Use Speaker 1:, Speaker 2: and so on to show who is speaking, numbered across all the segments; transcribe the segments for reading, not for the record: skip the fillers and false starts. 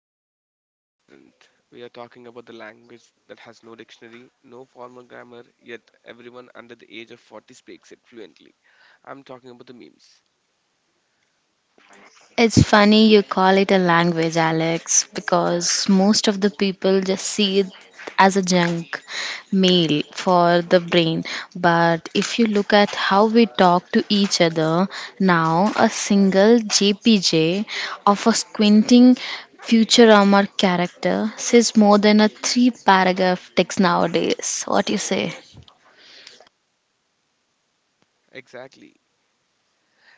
Speaker 1: Today we are with something different. We are talking about the language that has no dictionary, no formal grammar, yet everyone under the age of 40 speaks it fluently. I'm talking about the memes.
Speaker 2: It's funny you call it a language, Alex, because most of the people just see it as a junk mail for the brain. But if you look at how we talk to each other now, a single JPJ of a squinting Futurama character says more than a three paragraph text nowadays. What do you say?
Speaker 1: Exactly.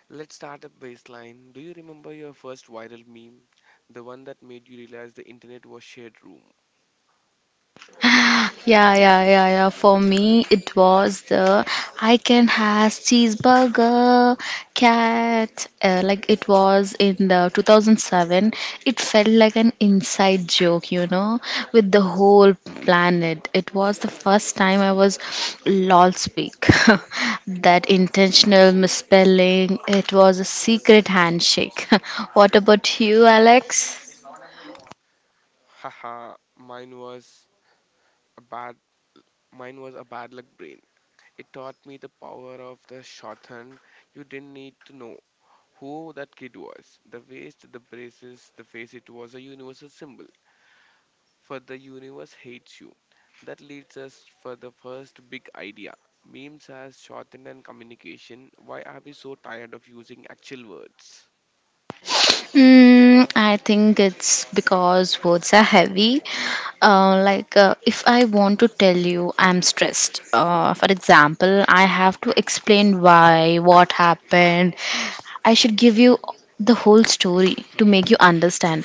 Speaker 1: Let's start a baseline. Do you remember your first viral meme? The one that made you realize the internet was shared room.
Speaker 2: Yeah, yeah, yeah, yeah. For me, it was the I can has cheeseburger cat. Like it was in the 2007. It felt like an inside joke, with the whole planet. It was the first time I was lol speak. That intentional misspelling. It was a secret handshake. What about you, Alex?
Speaker 1: Haha, mine was a bad a bad luck brain. It taught me the power of the shorthand you didn't need to know. Who that kid was, the waist, the braces, the face, it was a universal symbol. For the universe hates you. That leads us for the first big idea. Memes as shorthand and communication. Why are we so tired of using actual words?
Speaker 2: Mm, I think it's because words are heavy. If I want to tell you I'm stressed, for example, I have to explain why, what happened. I should give you the whole story to make you understand.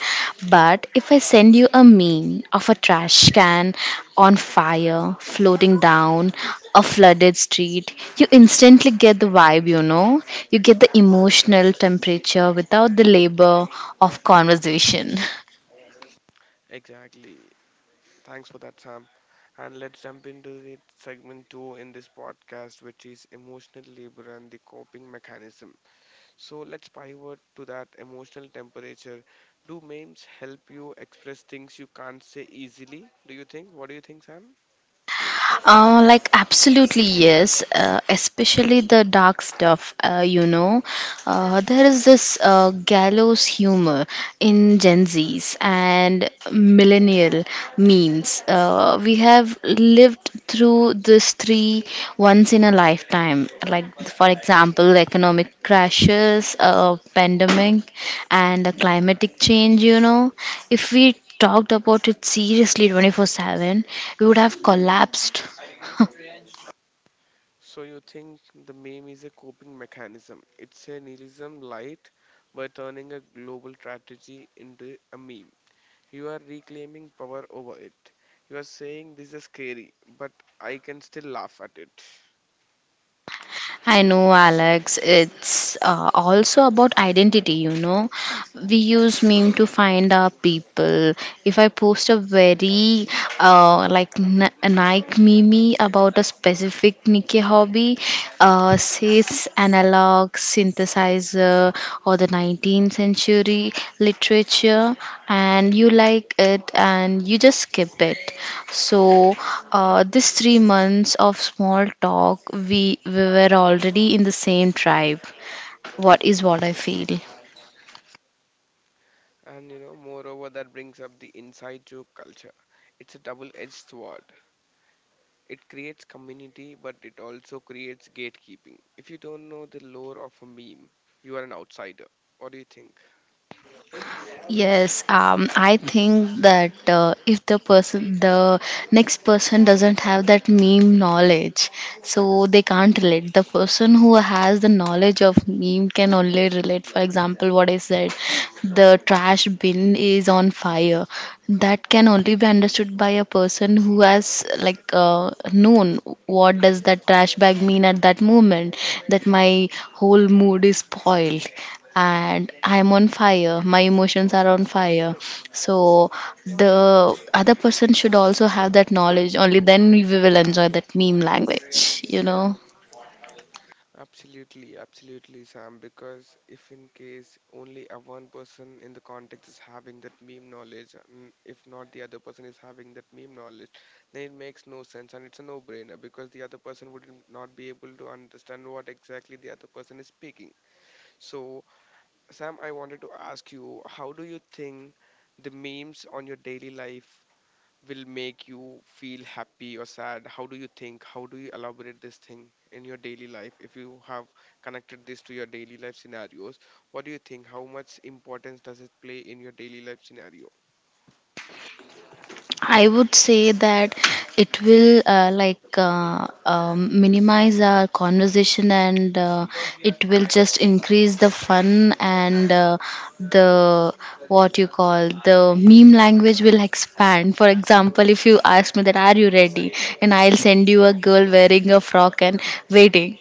Speaker 2: But if I send you a meme of a trash can on fire, floating down a flooded street. You instantly get the vibe, you know? You get the emotional temperature without the labor of conversation.
Speaker 1: Exactly. Thanks for that, Sam. And let's jump into the segment two in this podcast, which is emotional labor and the coping mechanism. So let's pivot to that emotional temperature. Do memes help you express things you can't say easily? Do you think? What do you think, Sam?
Speaker 2: Like absolutely yes, especially the dark stuff. There is this gallows humor in Gen Z's and millennial memes. We have lived through this three once in a lifetime. Like for example, economic crashes, pandemic, and the climatic change. You know, if we talked about it seriously 24/7, we would have collapsed.
Speaker 1: So you think the meme is a coping mechanism? It's a nihilism light by turning a global strategy into a meme. You are reclaiming power over it. You are saying this is scary, but I can still laugh at it.
Speaker 2: I know, Alex. It's also about identity, you know. We use meme to find our people. If I post a very Nike meme about a specific Nike hobby, says analog synthesizer or the 19th century literature, and you like it and you just skip it, so this 3 months of small talk, we were already in the same tribe. What is what I feel.
Speaker 1: And you know, moreover, that brings up the inside joke culture. It's a double edged sword. It creates community, but it also creates gatekeeping. If you don't know the lore of a meme, you are an outsider. What do you think?
Speaker 2: Yes, I think that if the person, the next person doesn't have that meme knowledge, so they can't relate. The person who has the knowledge of meme can only relate. For example, what I said, the trash bin is on fire. That can only be understood by a person who has known what does that trash bag mean at that moment. That my whole mood is spoiled and I'm on fire. My emotions are on fire. So the other person should also have that knowledge. Only then we will enjoy that meme language, you know.
Speaker 1: Absolutely, absolutely, Sam. Because if in case only a one person in the context is having that meme knowledge, and if not the other person is having that meme knowledge, then it makes no sense and it's a no-brainer because the other person would not be able to understand what exactly the other person is speaking. So Sam, I wanted to ask you, how do you think the memes on your daily life will make you feel happy or sad? How do you think? How do you elaborate this thing in your daily life? If you have connected this to your daily life scenarios, what do you think? How much importance does it play in your daily life scenario?
Speaker 2: I would say that it will minimize our conversation, and it will just increase the fun, and the what you call the meme language will expand. For example, if you ask me that are you ready, and I'll send you a girl wearing a frock and waiting,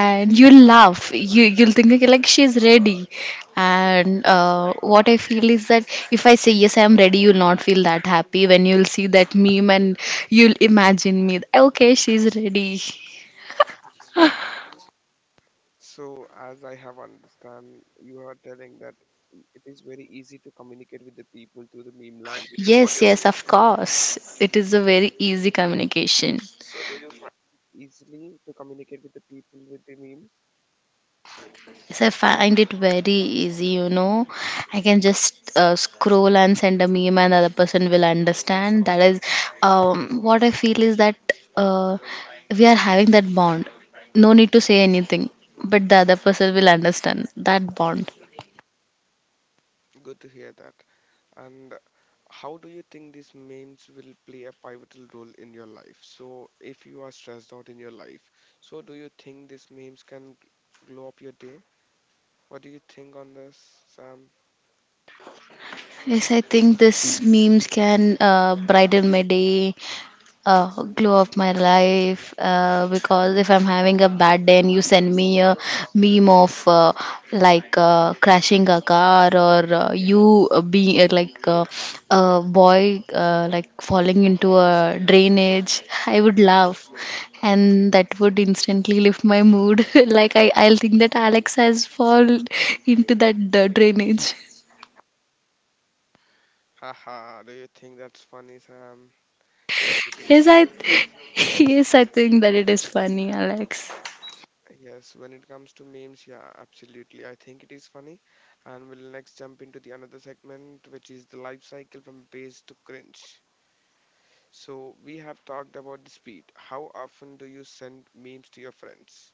Speaker 2: and you'll laugh you you'll think like she's ready, and what I feel is that if I say yes I'm ready, you'll not feel that happy when you'll see that meme, and you'll imagine me okay she's ready.
Speaker 1: So, as I have understand, you are telling that it is very easy to communicate with the people through the meme language.
Speaker 2: Yes, yes, of course, it is a very easy communication.
Speaker 1: Easily to communicate with the people with the memes.
Speaker 2: Yes, I find it very easy, you know. I can just scroll and send a meme, and other person will understand. That is what I feel is that uh, we are having that bond. No need to say anything, but the other person will understand that bond.
Speaker 1: Good to hear that. And how do you think these memes will play a pivotal role in your life? So, if you are stressed out in your life, so do you think these memes can glow up your day? What do you think on this, Sam?
Speaker 2: Yes, I think this memes can brighten my day, glow of my life, because if I'm having a bad day and you send me a meme of crashing a car, or you being like a boy like falling into a drainage, I would laugh, and that would instantly lift my mood. Like I'll think that Alex has fallen into that drainage.
Speaker 1: Haha, do you think that's funny, Sam? Yes, it
Speaker 2: Yes,
Speaker 1: is.
Speaker 2: I. Yes, I think that it is funny, Alex.
Speaker 1: Yes, when it comes to memes, yeah, absolutely. I think it is funny. And we'll next jump into the another segment, which is the life cycle from base to cringe. So, we have talked about the speed. How often do you send memes to your friends?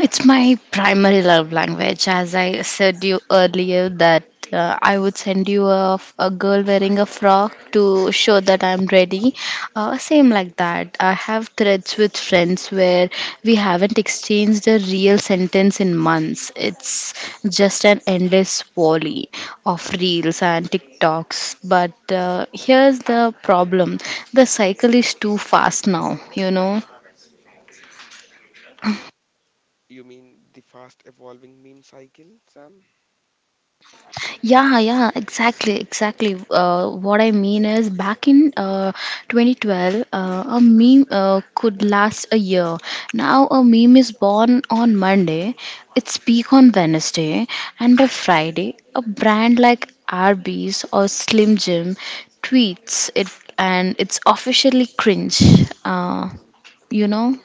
Speaker 2: It's my primary love language. As I said you earlier, that I would send you a, a girl wearing a frock to show that I'm ready. Same like that. I have threads with friends where we haven't exchanged a real sentence in months. It's just an endless volley of reels and TikToks. But here's the problem: the cycle is too fast now. You know.
Speaker 1: You mean the fast evolving meme cycle, Sam?
Speaker 2: Yeah, yeah, exactly, exactly. What I mean is, back in 2012, a meme could last a year. Now, a meme is born on Monday, its peak on Wednesday, and by Friday, a brand like Arby's or Slim Jim tweets it, and it's officially cringe. Uh, you know?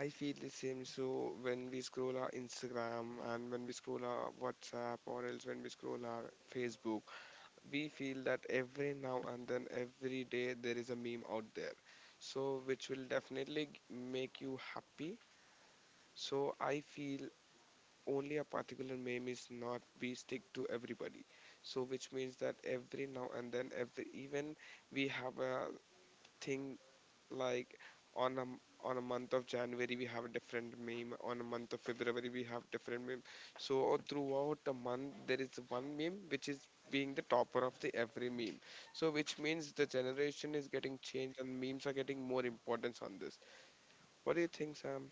Speaker 1: I feel the same. So, when we scroll our Instagram and when we scroll our WhatsApp or else when we scroll our Facebook, we feel that every now and then, every day, there is a meme out there. So, which will definitely make you happy. So, I feel only a particular meme is not be stick to everybody, so which means that every now and then, every even we have a thing like on on a month of January we have a different meme, on a month of February we have different meme. So throughout the month there is one meme which is being the topper of the every meme. So which means the generation is getting changed and memes are getting more importance on this. What do you think, Sam?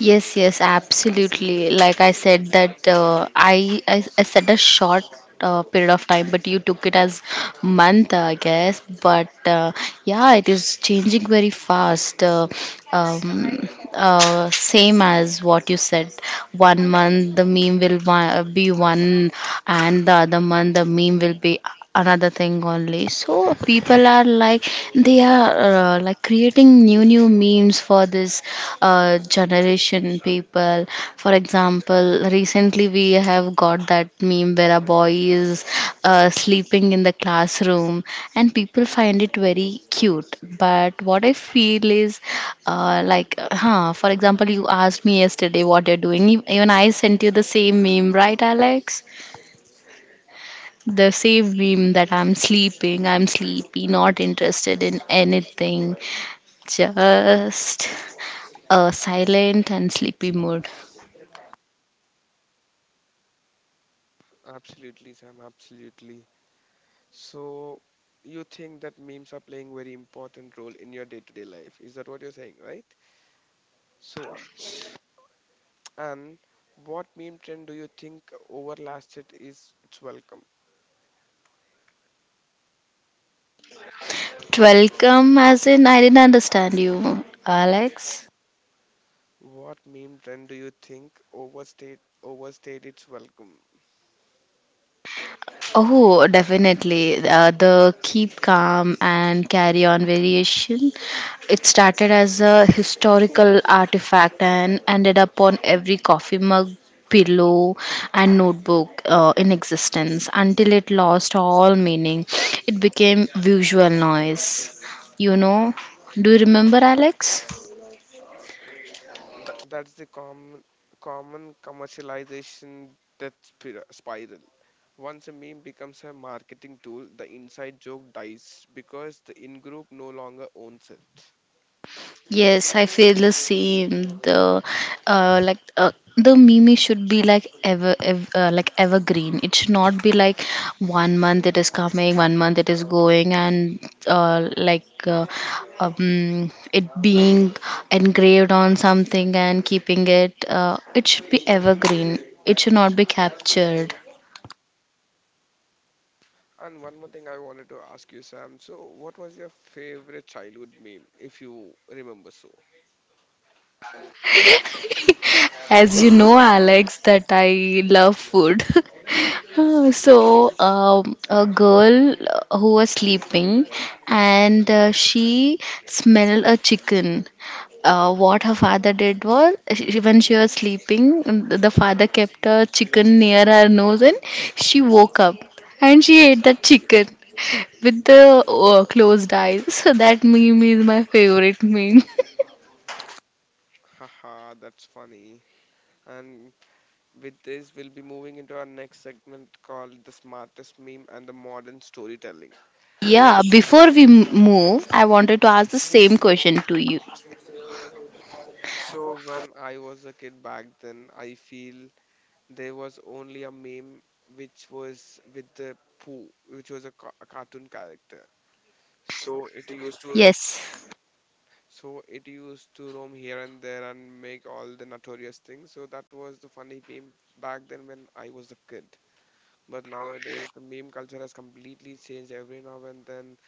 Speaker 2: Yes, yes, absolutely. Like I said that I said a short period of time, but you took it as month, I guess. But yeah, it is changing very fast. Same as what you said. 1 month the meme will be one, and the other month the meme will be another thing only. So people are like they are like creating new memes for this generation people. For example, recently we have got that meme where a boy is sleeping in the classroom, and people find it very cute. But what I feel is, for example, you asked me yesterday what you're doing. Even I sent you the same meme, right, Alex? The same meme that I'm sleeping, I'm sleepy, not interested in anything, just a silent and sleepy mood.
Speaker 1: Absolutely, Sam, absolutely. So you think that memes are playing very important role in your day-to-day life? Is that what you're saying, right? So, and what meme trend do you think overlasted is its welcome?
Speaker 2: Welcome, as in, I didn't understand you, Alex.
Speaker 1: What meme trend do you think overstayed its welcome?
Speaker 2: Oh, definitely. The keep calm and carry on variation. It started as a historical artifact and ended up on every coffee mug, pillow, and notebook in existence, until it lost all meaning. It became visual noise. You know, do you remember, Alex?
Speaker 1: That's the common commercialization spiral. Once a meme becomes a marketing tool, the inside joke dies because the in-group no longer owns it.
Speaker 2: Yes, I feel the same. The meme should be like evergreen. It should not be like 1 month it is coming, 1 month it is going, and uh, like uh, it being engraved on something and keeping it. It should be evergreen. It should not be captured.
Speaker 1: And one more thing I wanted to ask you, Sam. So, what was your favorite childhood meme, if you remember so?
Speaker 2: As you know, Alex, that I love food. So a girl who was sleeping and she smelled a chicken. What her father did was, when she was sleeping, the father kept a chicken near her nose, and she woke up and she ate that chicken with the closed eyes. So, that meme is my favorite meme.
Speaker 1: Haha, that's funny. And with this, we'll be moving into our next segment called The Smartest Meme and the Modern Storytelling. Let
Speaker 2: Yeah, before we move, I wanted to ask the same question to you.
Speaker 1: so when I was a kid back then, I feel there was only a meme which was with the Pooh, which was a cartoon character. So it used to
Speaker 2: Yes.
Speaker 1: So it used to roam here and there and make all the notorious things. So that was the funny meme back then when I was a kid. But nowadays, the meme culture has completely changed. Every now and then,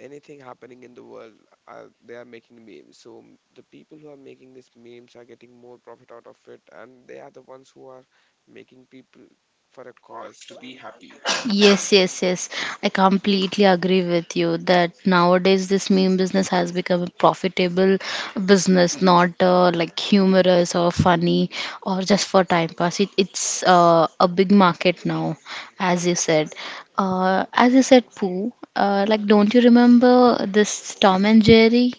Speaker 1: anything happening in the world, they are making memes. So the people who are making these memes are getting more profit out of it, and they are the ones who are making people for a cause to be happy.
Speaker 2: Yes, yes, yes. I completely agree with you that nowadays this meme business has become a profitable business, not like humorous or funny or just for time pass. It's a big market now, as you said. As you said, Pooh, don't you remember this Tom and Jerry?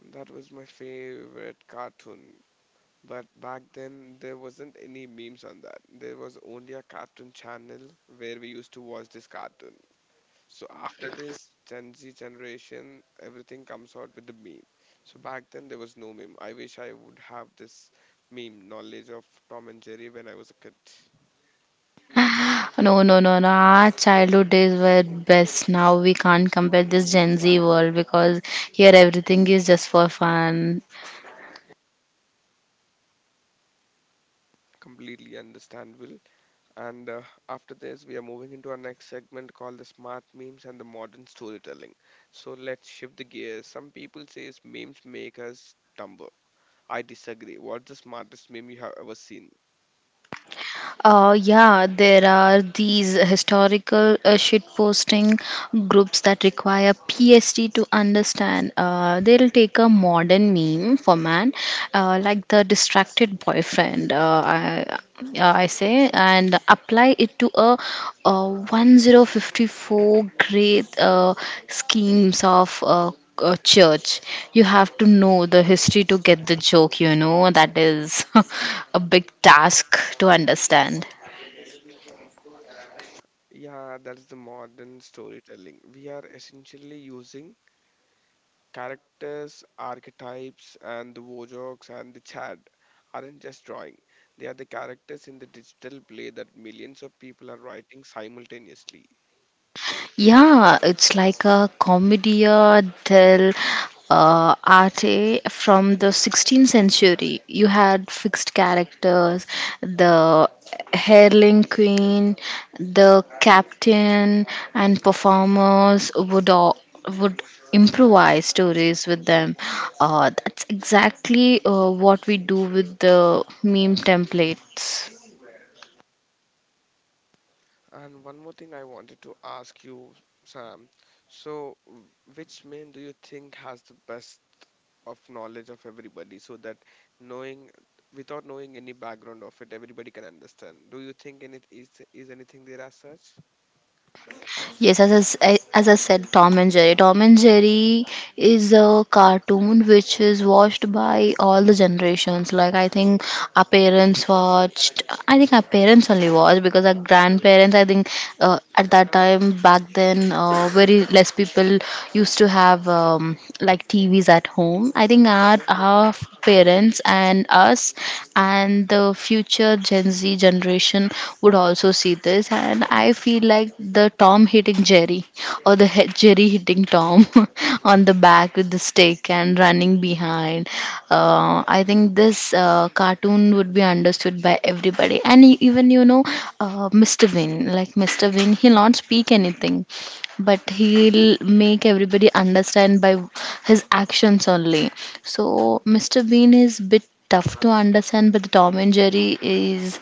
Speaker 1: And that was my favorite cartoon. But back then, there wasn't any memes on that. There was only a cartoon channel where we used to watch this cartoon. So after this Gen Z generation, everything comes out with the meme. So back then, there was no meme. I wish I would have this meme knowledge of Tom and Jerry when I was a kid.
Speaker 2: No, no, no, no. Our childhood days were best. Now we can't compare this Gen Z world because here everything is just for fun.
Speaker 1: Completely understandable. And after this, we are moving into our next segment called the smart memes and the modern storytelling. So let's shift the gears. Some people say memes make us dumber. I disagree. What's the smartest meme you have ever seen?
Speaker 2: Yeah, there are these historical shitposting groups that require PhD to understand. They'll take a modern meme for man, like the distracted boyfriend, I say, and apply it to a, 1054 great schemes of church. You have to know the history to get the joke, you know. That is a big task to understand.
Speaker 1: Yeah, that's the modern storytelling. We are essentially using characters, archetypes, and the wojoks and the chat aren't just drawing. They are the characters in the digital play that millions of people are writing simultaneously.
Speaker 2: Yeah, it's like a commedia del arte from the 16th century. You had fixed characters, the Herling queen, the captain, and performers would improvise stories with them. That's exactly what we do with the meme templates.
Speaker 1: And one more thing I wanted to ask you, Sam. So, which man do you think has the best of knowledge of everybody so that knowing without knowing any background of it, everybody can understand? Do you think any is anything there as such?
Speaker 2: Yes, as I said, Tom and Jerry. Tom and Jerry is a cartoon which is watched by all the generations. Like I think our parents watched. I think our parents only watched because our grandparents. I think at that time back then, very less people used to have like TVs at home. I think our parents and us and the future Gen Z generation would also see this, and I feel like the Tom hitting Jerry, or the Jerry hitting Tom on the back with the stick and running behind. I think this cartoon would be understood by everybody. And even, you know, Mr. Bean, like Mr. Bean, he'll not speak anything, but he'll make everybody understand by his actions only. So Mr. Bean is bit tough to understand, but Tom and Jerry is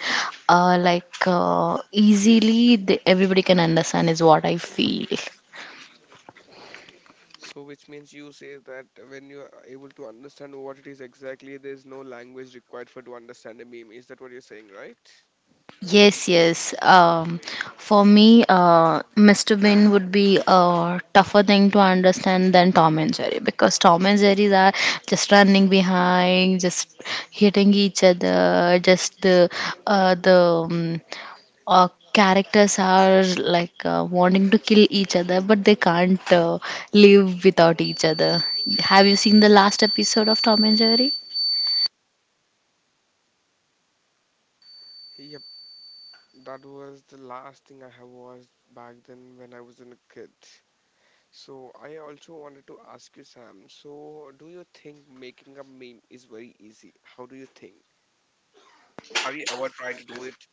Speaker 2: easily the, everybody can understand, is what I feel.
Speaker 1: So, which means you say that when you are able to understand what it is exactly, there is no language required for to understand a meme. Is that what you're saying, right?
Speaker 2: Yes, yes. For me, Mr. Bean would be a tougher thing to understand than Tom and Jerry, because Tom and Jerry's are just running behind, just hitting each other. Just the characters are like wanting to kill each other, but they can't live without each other. Have you seen the last episode of Tom and Jerry?
Speaker 1: Yep, that was the last thing I have watched back then when I was in a kid. So I also wanted to ask you, Sam. So do you think making a meme is very easy? How do you think? Have you ever tried to do it?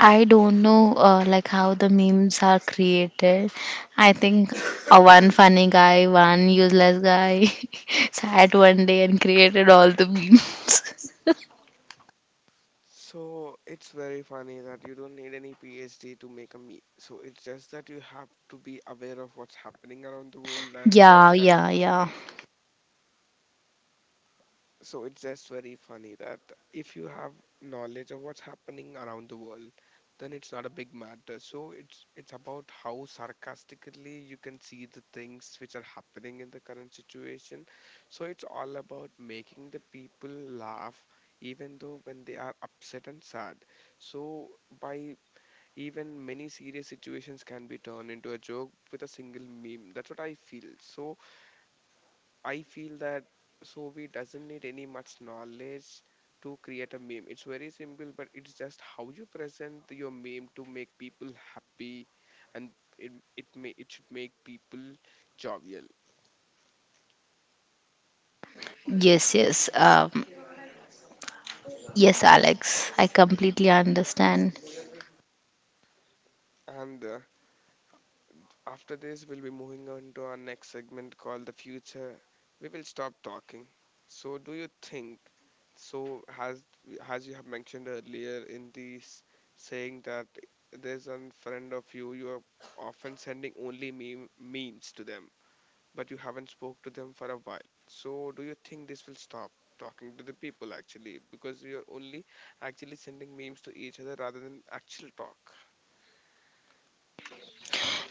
Speaker 2: I don't know like how the memes are created. I think one funny guy, one useless guy sat one day and created all the memes.
Speaker 1: So it's very funny that you don't need any PhD to make a meme. So it's just that you have to be aware of what's happening around the world and what.
Speaker 2: Yeah, yeah, yeah.
Speaker 1: So it's just very funny that if you have knowledge of what's happening around the world, then it's not a big matter. So it's about how sarcastically you can see the things which are happening in the current situation. So it's all about making the people laugh, even though when they are upset and sad. So by even many serious situations can be turned into a joke with a single meme. That's what I feel. So I feel that Sobi doesn't need any much knowledge to create a meme. It's very simple, but it's just how you present your meme to make people happy, and it should make people jovial.
Speaker 2: Yes, yes. Yes, Alex. I completely understand.
Speaker 1: And after this, we'll be moving on to our next segment called The Future. We will stop talking. So, do you think, so as, as you have mentioned earlier in this saying that there's a friend of you, you are often sending only memes to them, but you haven't spoke to them for a while. So, do you think this will stop talking to the people actually because we are only actually sending memes to each other rather than actual talk?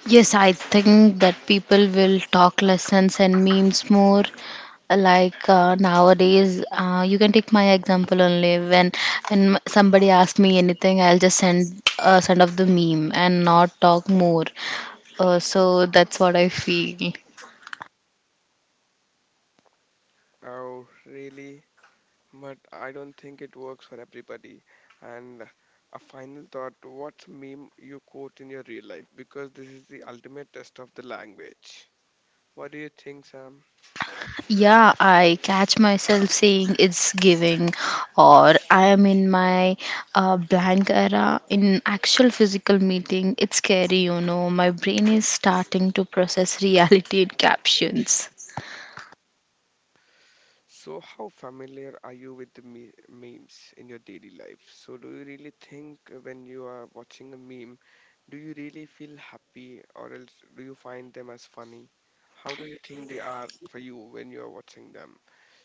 Speaker 2: Yes, I think that people will talk lessons and memes more. Like nowadays, you can take my example only. When somebody asks me anything, I'll just send off the meme and not talk more. So that's what I feel.
Speaker 1: Oh really? But I don't think it works for everybody. And a final thought, what meme you quote in your real life? Because this is the ultimate test of the language. What do you think, Sam?
Speaker 2: Yeah, I catch myself saying it's giving, or I am in my blank era. In actual physical meeting, it's scary, My brain is starting to process reality in captions.
Speaker 1: So, how familiar are you with the memes in your daily life? So, do you really think when you are watching a meme, do you really feel happy or else do you find them as funny? How do you think they are for you when you are watching them?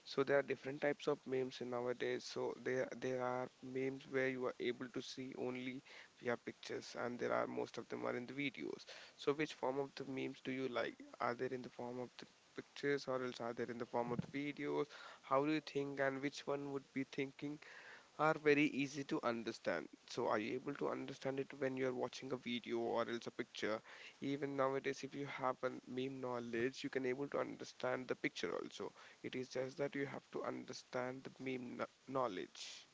Speaker 1: So, there are different types of memes in nowadays. So, there are memes where you are able to see only via pictures, and there are most of them are in the videos. So, which form of the memes do you like? Are they in the form of the pictures or else are they in the form of the videos? How do you think, and which one would be thinking are very easy to understand? So are you able to understand it when you're watching a video or else a picture? Even nowadays, if you have a meme knowledge, you can able to understand the picture also. It is just that you have to understand the meme knowledge.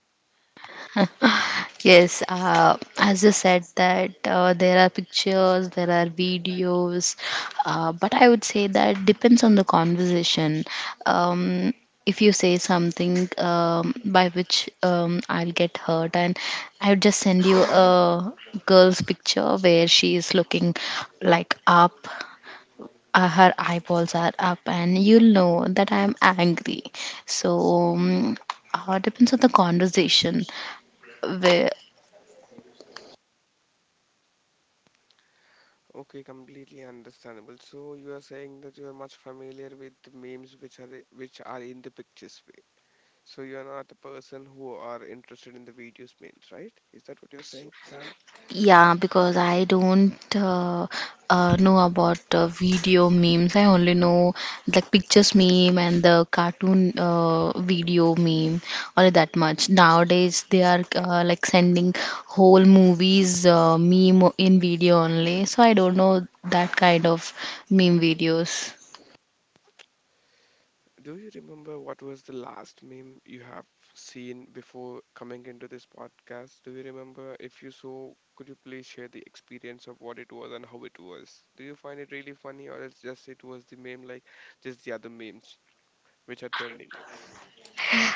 Speaker 2: Yes, as you said that there are pictures, there are videos, but I would say that depends on the conversation. Um, if you say something by which I'll get hurt, and I would just send you a girl's picture where she is looking like up, her eyeballs are up, and you'll know that I'm angry. So. Depends on the conversation where.
Speaker 1: Okay, completely understandable. So you are saying that you are much familiar with the memes which are which are in the pictures way. So you are not a person who are interested in the videos memes, right? Is that what you're saying, Sam?
Speaker 2: Yeah, because I don't know about video memes. I only know the pictures meme and the cartoon video meme, only that much. Nowadays, they are like sending whole movies meme in video only. So I don't know that kind of meme videos.
Speaker 1: Do you remember what was the last meme you have seen before coming into this podcast? Do you remember? If you so, could you please share the experience of what it was and how it was? Do you find it really funny, or it's just it was the meme like just the other memes which are trending?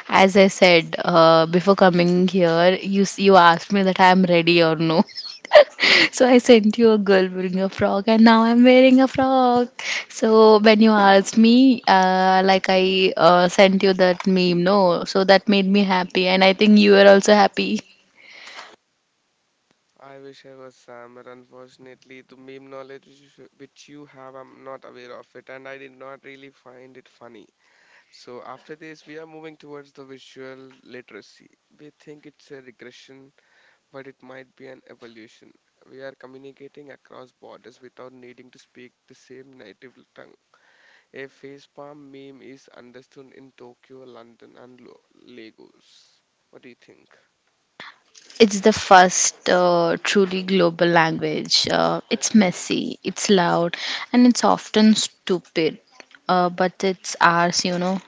Speaker 2: As I said before coming here, you asked me that I am ready or no. So I sent you a girl wearing a frock, and now I'm wearing a frock. So when you asked me, like I sent you that meme, no, so that made me happy, and I think you are also happy.
Speaker 1: I wish I was Sam, but unfortunately the meme knowledge which you which you have, I'm not aware of it, and I did not really find it funny. So after this, we are moving towards the visual literacy. We think it's a regression, but it might be an evolution. We are communicating across borders without needing to speak the same native tongue. A facepalm meme is understood in Tokyo, London, and Lagos. What do you think?
Speaker 2: It's the first truly global language. It's messy, it's loud, and it's often stupid. But it's ours, you know.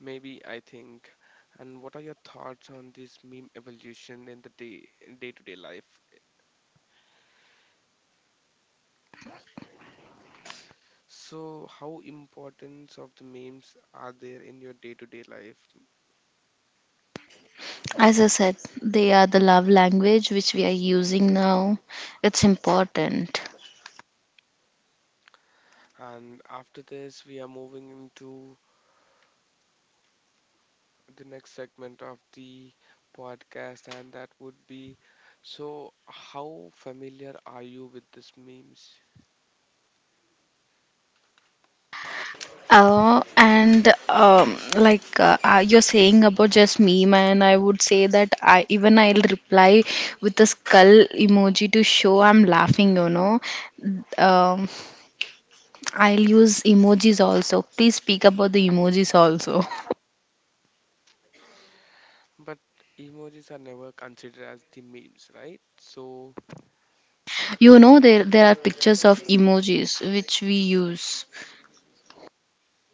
Speaker 1: Maybe, I think. And what are your thoughts on this meme evolution in the day day-to-day life? So, how importance of the memes are there in your day-to-day life?
Speaker 2: As I said, they are the love language which we are using now. It's important.
Speaker 1: And after this, we are moving into the next segment of the podcast, and that would be so, how familiar are you with these memes?
Speaker 2: And like you're saying about just meme, and I would say that I even I'll reply with a skull emoji to show I'm laughing. You know, um, I'll use emojis also. Please speak about the emojis also.
Speaker 1: But emojis are never considered as the memes, right? So,
Speaker 2: You know, there are pictures of emojis which we use.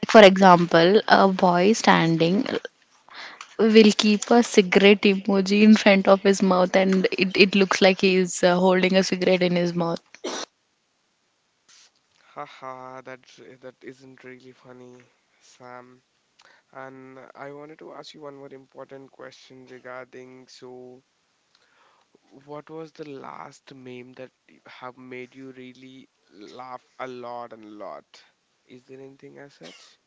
Speaker 2: For example, a boy standing will keep a cigarette emoji in front of his mouth, and it looks like he is holding a cigarette in his mouth.
Speaker 1: haha, that isn't really funny, Sam. And I wanted to ask you one more important question regarding so, what was the last meme that have made you really laugh a lot and a lot? Is there anything as such?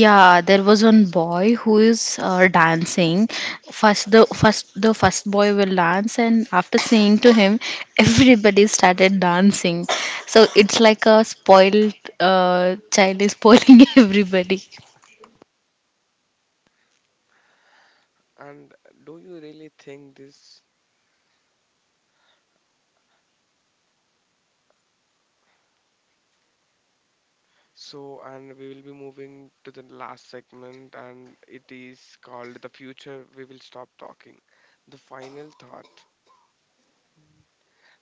Speaker 2: Yeah, there was one boy who is dancing. First, the first boy will dance, and after singing to him, everybody started dancing. So it's like a spoiled child is spoiling everybody.
Speaker 1: And do you really think this? So, and we will be moving to the last segment, and it is called The Future We Will Stop Talking. The final thought.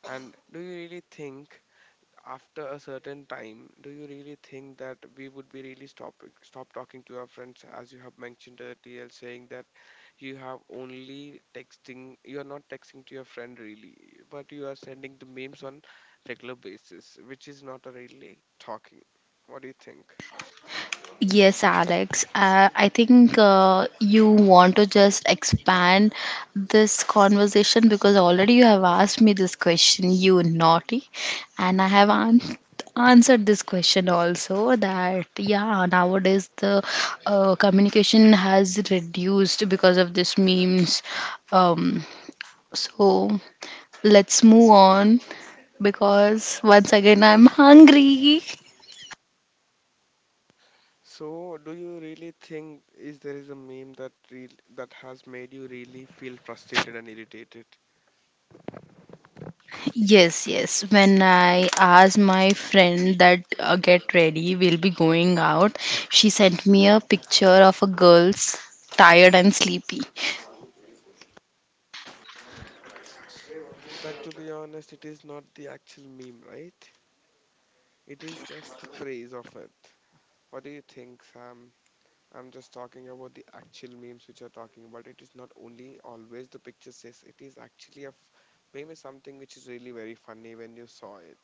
Speaker 1: And do you really think after a certain time, do you really think that we would be really stop talking to our friends, as you have mentioned earlier, saying that you have only texting, you are not texting to your friend really, but you are sending the memes on regular basis, which is not a really talking. What do you think?
Speaker 2: Yes, Alex. I think you want to just expand this conversation because already you have asked me this question, you naughty, and answered this question also that yeah, nowadays the communication has reduced because of this memes. Um, so let's move on because once again I'm hungry.
Speaker 1: So, do you really think is there is a meme that real that has made you really feel frustrated and irritated?
Speaker 2: Yes, yes. When I asked my friend that get ready, we'll be going out, she sent me a picture of a girl's tired and sleepy.
Speaker 1: But to be honest, it is not the actual meme, right? It is just the phrase of it. What do you think, Sam? I'm just talking about the actual memes which you're talking about. It is not only always the picture says, it is actually a meme is something which is really very funny when you saw it.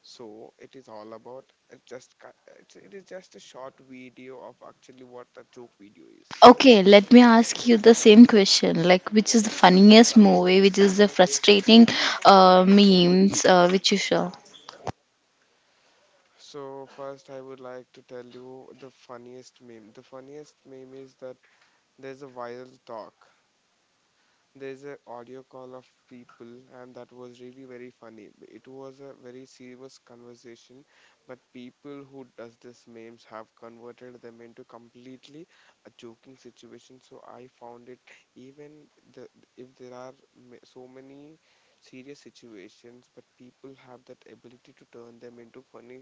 Speaker 1: So it is all about it just it is just a short video of actually what the joke video is.
Speaker 2: Okay, let me ask you the same question. Like, which is the funniest movie? Which is the frustrating memes? Which you saw?
Speaker 1: So first I would like to tell you the funniest meme. The funniest meme is that there's a viral talk, there's an audio call of people, and that was really very funny. It was a very serious conversation, but people who does this memes have converted them into completely a joking situation. So I found it even the if there are so many serious situations, but people have that ability to turn them into funny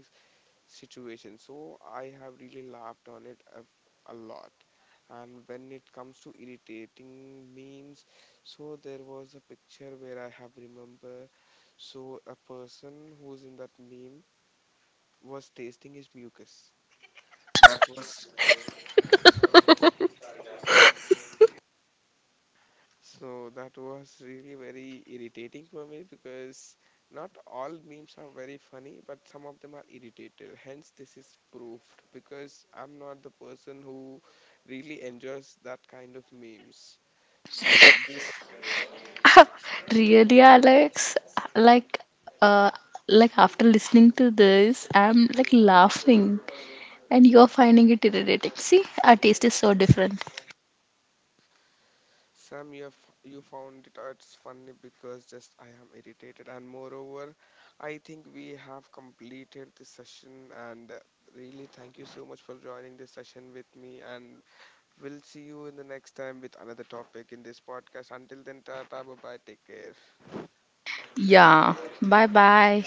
Speaker 1: situation. So I have really laughed on a lot. And when it comes to irritating memes, so there was a picture where I have remember. So a person who's in that meme was tasting his mucus. That was So that was really very irritating for me, because not all memes are very funny, but some of them are irritated. Hence, this is proved, because I'm not the person who really enjoys that kind of memes. So this
Speaker 2: Really, Alex? Like, uh, like after listening to this, I'm like laughing, and you're finding it irritating. See, our taste is so different.
Speaker 1: Sam, you have you found it it's funny because just I am irritated, and moreover, I think we have completed this session. And really, thank you so much for joining this session with me. And we'll see you in the next time with another topic in this podcast. Until then, tata, bye bye, take care.
Speaker 2: Yeah. Bye bye.